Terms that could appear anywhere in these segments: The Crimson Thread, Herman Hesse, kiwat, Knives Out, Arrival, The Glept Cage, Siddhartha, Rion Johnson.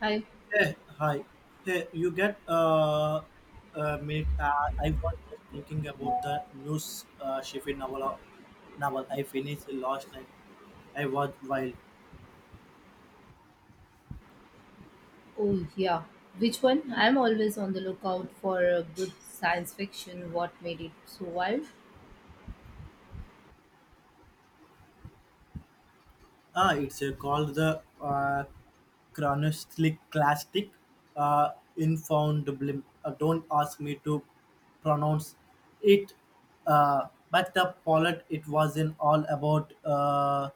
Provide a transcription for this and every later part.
I. Hey, hi. Hey, you get a minute? I was just thinking about the news Sheffield novel. Novel I finished last night. I was wild. Oh, yeah, which one? I'm always on the lookout for a good science fiction. What made it so wild? Ah, it's called the classic uh, infoundable. Don't ask me to pronounce it. But the pilot. It wasn't all about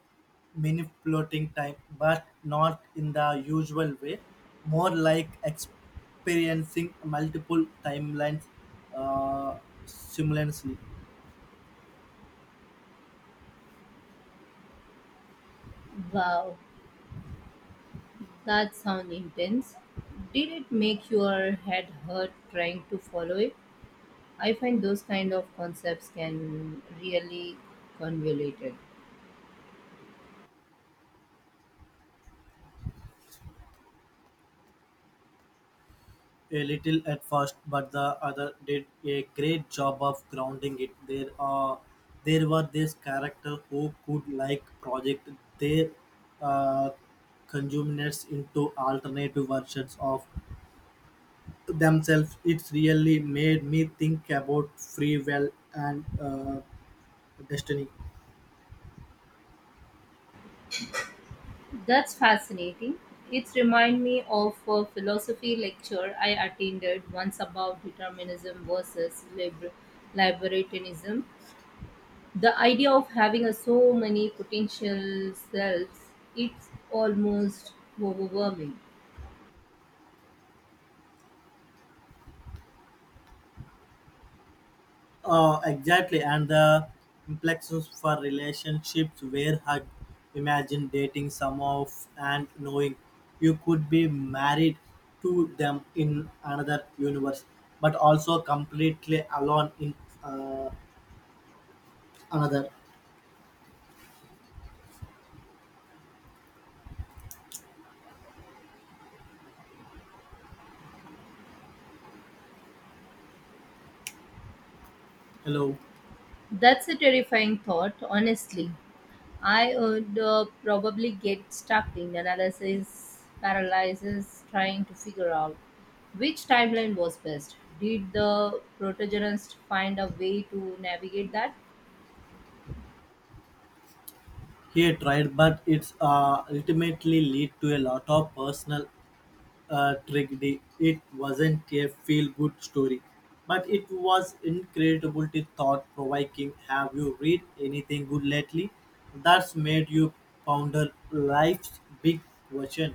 manipulating time, but not in the usual way. More like experiencing multiple timelines uh, simultaneously. Wow, that sounds intense. Did it make your head hurt trying to follow it? I find those kind of concepts can really convoluted. A little at first, but the other did a great job of grounding it. There were this character who could like project their uh, consumers into alternative versions of themselves. It's really made me think about free will and destiny. That's fascinating. It reminds me of a philosophy lecture I attended once about determinism versus libertarianism. The idea of having a so many potential selves, it's almost overwhelming. Exactly, and the implications for relationships where hard. Imagine dating some of and knowing you could be married to them in another universe, but also completely alone in uh, another. Hello, That's a terrifying thought, honestly. I would probably get stuck in analysis paralysis trying to figure out which timeline was best. Did the protagonist find a way to navigate that? here tried, but it's ultimately lead to a lot of personal tragedy. It wasn't a feel-good story, but it was incredibly thought-provoking. Have you read anything good lately that's made you ponder life's big question?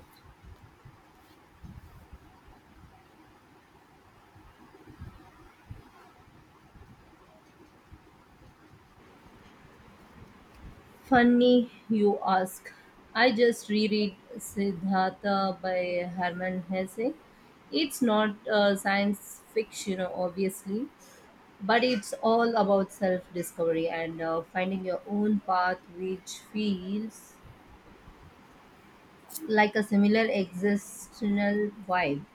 Funny you ask. I just reread Siddhartha by Herman Hesse. It's not science fiction, obviously, but it's all about self discovery and finding your own path, which feels like a similar existential vibe.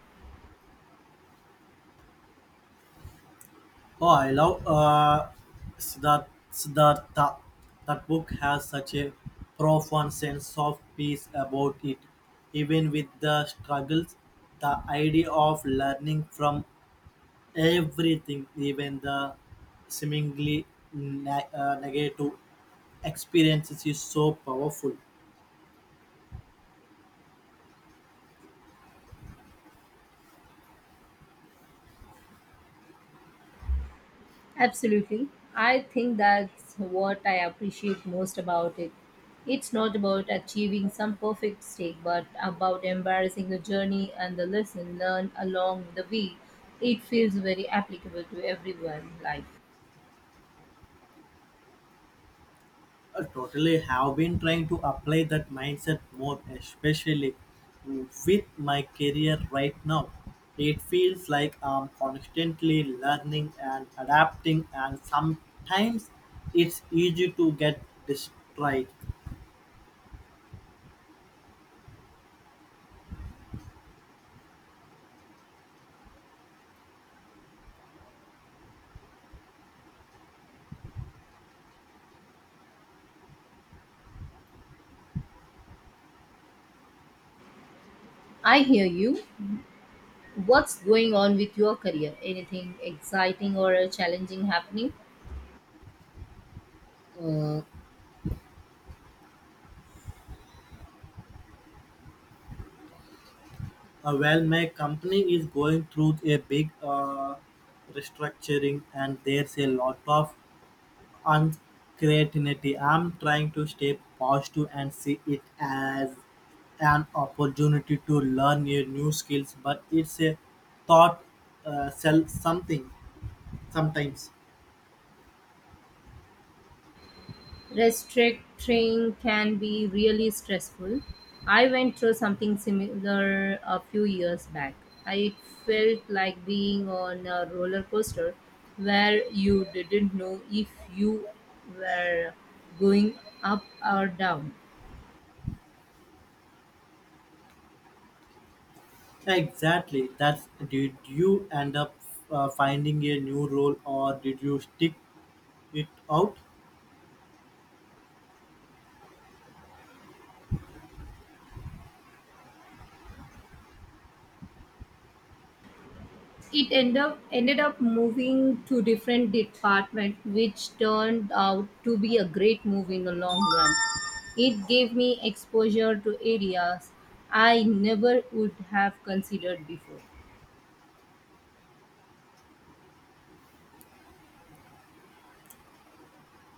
Oh, I love Siddhartha. That book has such a profound sense of peace about it, even with the struggles. The idea of learning from everything, even the seemingly negative experiences, is so powerful. Absolutely. I think that's what I appreciate most about it. It's not about achieving some perfect state, but about embarrassing the journey and the lesson learned along the way. It feels very applicable to everyone's life. I totally have been trying to apply that mindset more, especially with my career right now. It feels like I'm constantly learning and adapting, and sometimes it's easy to get distracted. I hear you. What's going on with your career? Anything exciting or challenging happening? Mm, well, my company is going through a big restructuring, and there's a lot of uncertainty. I'm trying to stay positive and see it as an opportunity to learn a new skills, but it's a thought sell something sometimes. Restricting can be really stressful. I went through something similar a few years back. I felt like being on a roller coaster where you didn't know if you were going up or down. Exactly. That's did you end up finding a new role or did you stick it out? Ended up moving to different department, which turned out to be a great move in the long run. It gave me exposure to areas I never would have considered before.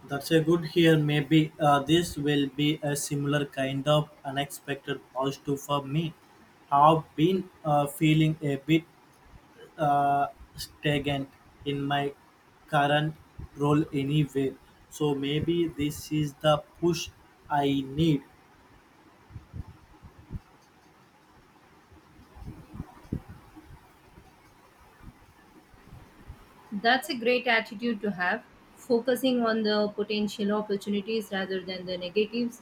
That's a good here. Maybe this will be a similar kind of unexpected positive for me. I've been feeling a bit uh, stagnant in my current role anyway. So maybe this is the push I need. That's a great attitude to have, focusing on the potential opportunities rather than the negatives.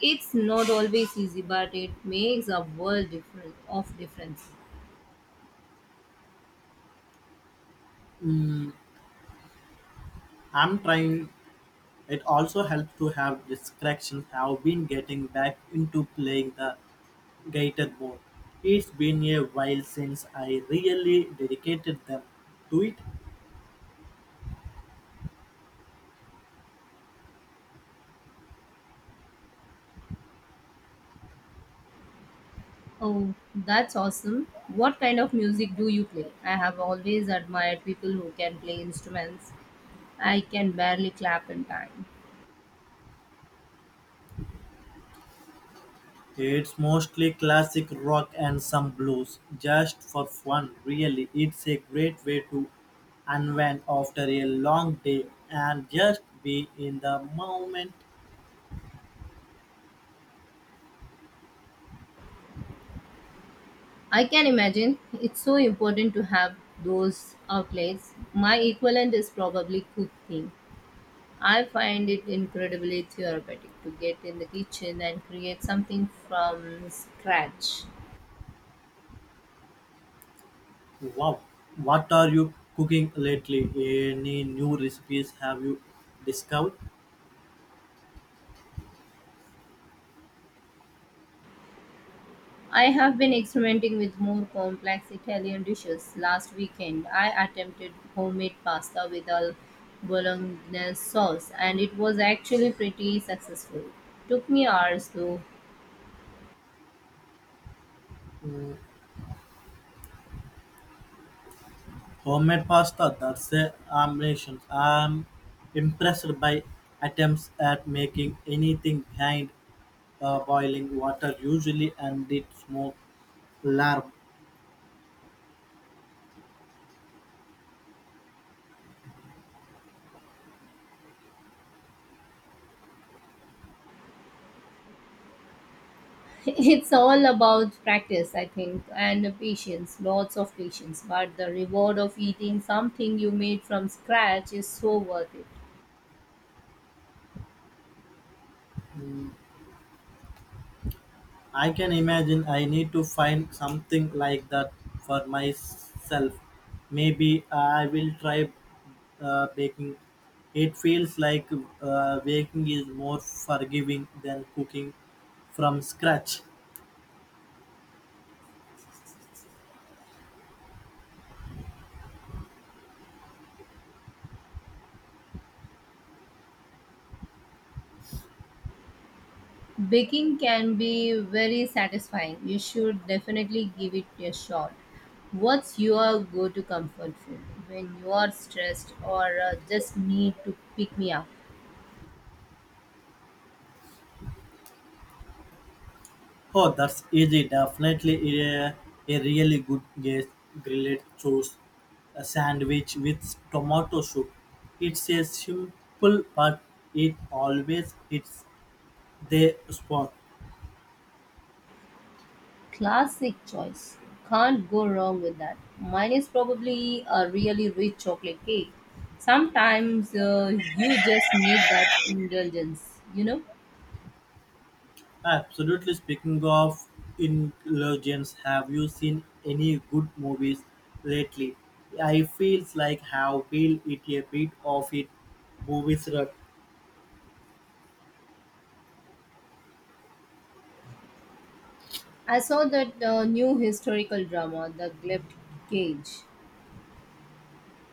It's not always easy, but it makes a world difference of difference. Mm, I'm trying. It also helped to have discretion have been getting back into playing the guitar more. It's been a while since I really dedicated them to it. Oh, that's awesome. What kind of music do you play? I have always admired people who can play instruments. I can barely clap in time. It's mostly classic rock and some blues, just for fun, really. It's a great way to unwind after a long day and just be in the moment. I can imagine it's so important to have those outlets. My equivalent is probably cooking. I find it incredibly therapeutic to get in the kitchen and create something from scratch. Wow, what are you cooking lately? Any new recipes have you discovered? I have been experimenting with more complex Italian dishes. Last weekend, I attempted homemade pasta with a bolognese sauce, and it was actually pretty successful. Took me hours though. Homemade pasta, that's a ambition. I'm impressed by attempts at making anything behind boiling water usually and it smoke larb. It's all about practice, I think, and patience, lots of patience. But the reward of eating something you made from scratch is so worth it. Mm, I can imagine I need to find something like that for myself. Maybe I will try baking. It feels like baking is more forgiving than cooking from scratch. Baking can be very satisfying. You should definitely give it a shot. What's your go to comfort food when you are stressed or just need to pick me up? Oh, that's easy. Definitely a really good guess. Grilled cheese a sandwich with tomato soup. It's a simple, but it always hits the spot. Classic choice. Can't go wrong with that. Mine is probably a really rich chocolate cake. Sometimes you just need that indulgence, you know? Absolutely. Speaking of ingredients, have you seen any good movies lately? I feels like have feel it a bit of it movies rut. I saw that new historical drama, The Glept Cage.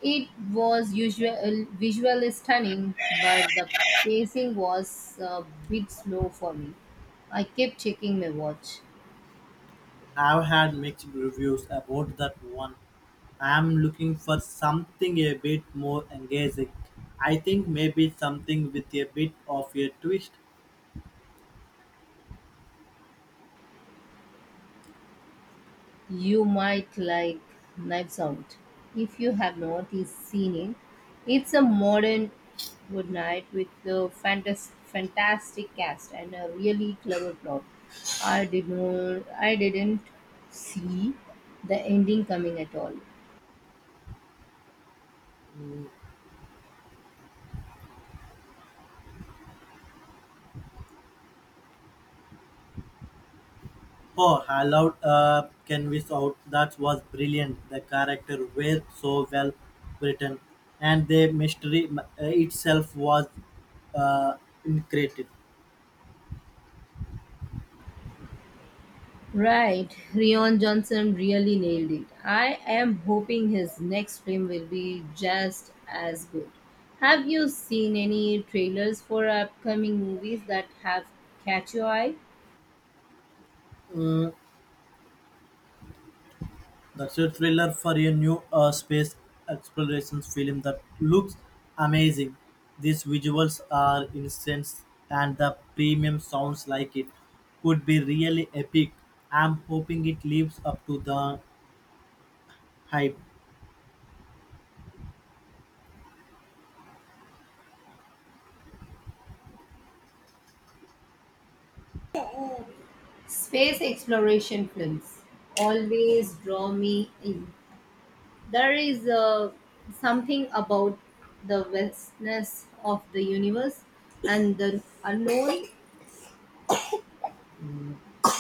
It was usual, visually stunning, but the pacing was a bit slow for me. I kept checking my watch. I've had mixed reviews about that one. I'm looking for something a bit more engaging. I think maybe something with a bit of a twist. You might like Knives Out if you have not seen it. It's a modern good night with a fantastic cast and a really clever plot. I didn't see the ending coming at all. Oh, I loved Canvas Out. That was brilliant. The character were so well written, and the itself was uh, incredible. Right, Rion Johnson really nailed it. I am hoping his next film will be just as good. Have you seen any trailers for upcoming movies that have catch your eye? Mm, That's a thriller for a new space exploration film that looks amazing. These visuals are intense and the premium sounds like it could be really epic. I'm hoping it lives up to the hype. Space exploration films always draw me in. There is something about the vastness of the universe and the unknown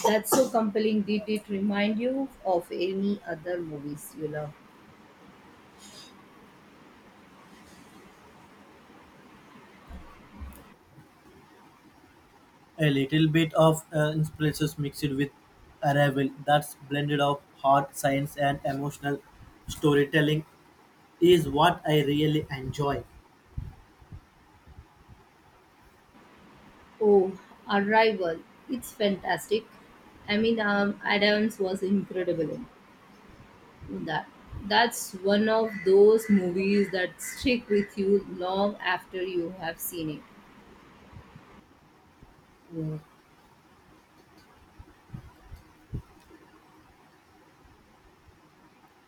that's so compelling. Did it remind you of any other movies you love? A little bit of inspiration mixed with arrival that's blended of hard science and emotional storytelling is what I really enjoy. Oh, Arrival. It's fantastic. I mean, Adams was incredible in that. That's one of those movies that stick with you long after you have seen it.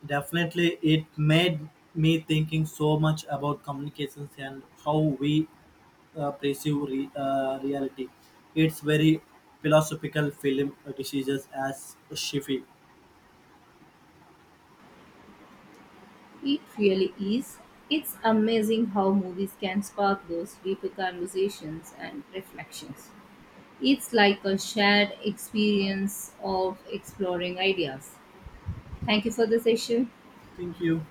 Definitely, it made me thinking so much about communications and how we perceive reality. It's very philosophical film decisions as Shifi. It really is. It's amazing how movies can spark those deeper conversations and reflections. It's like a shared experience of exploring ideas. Thank you for the session. Thank you.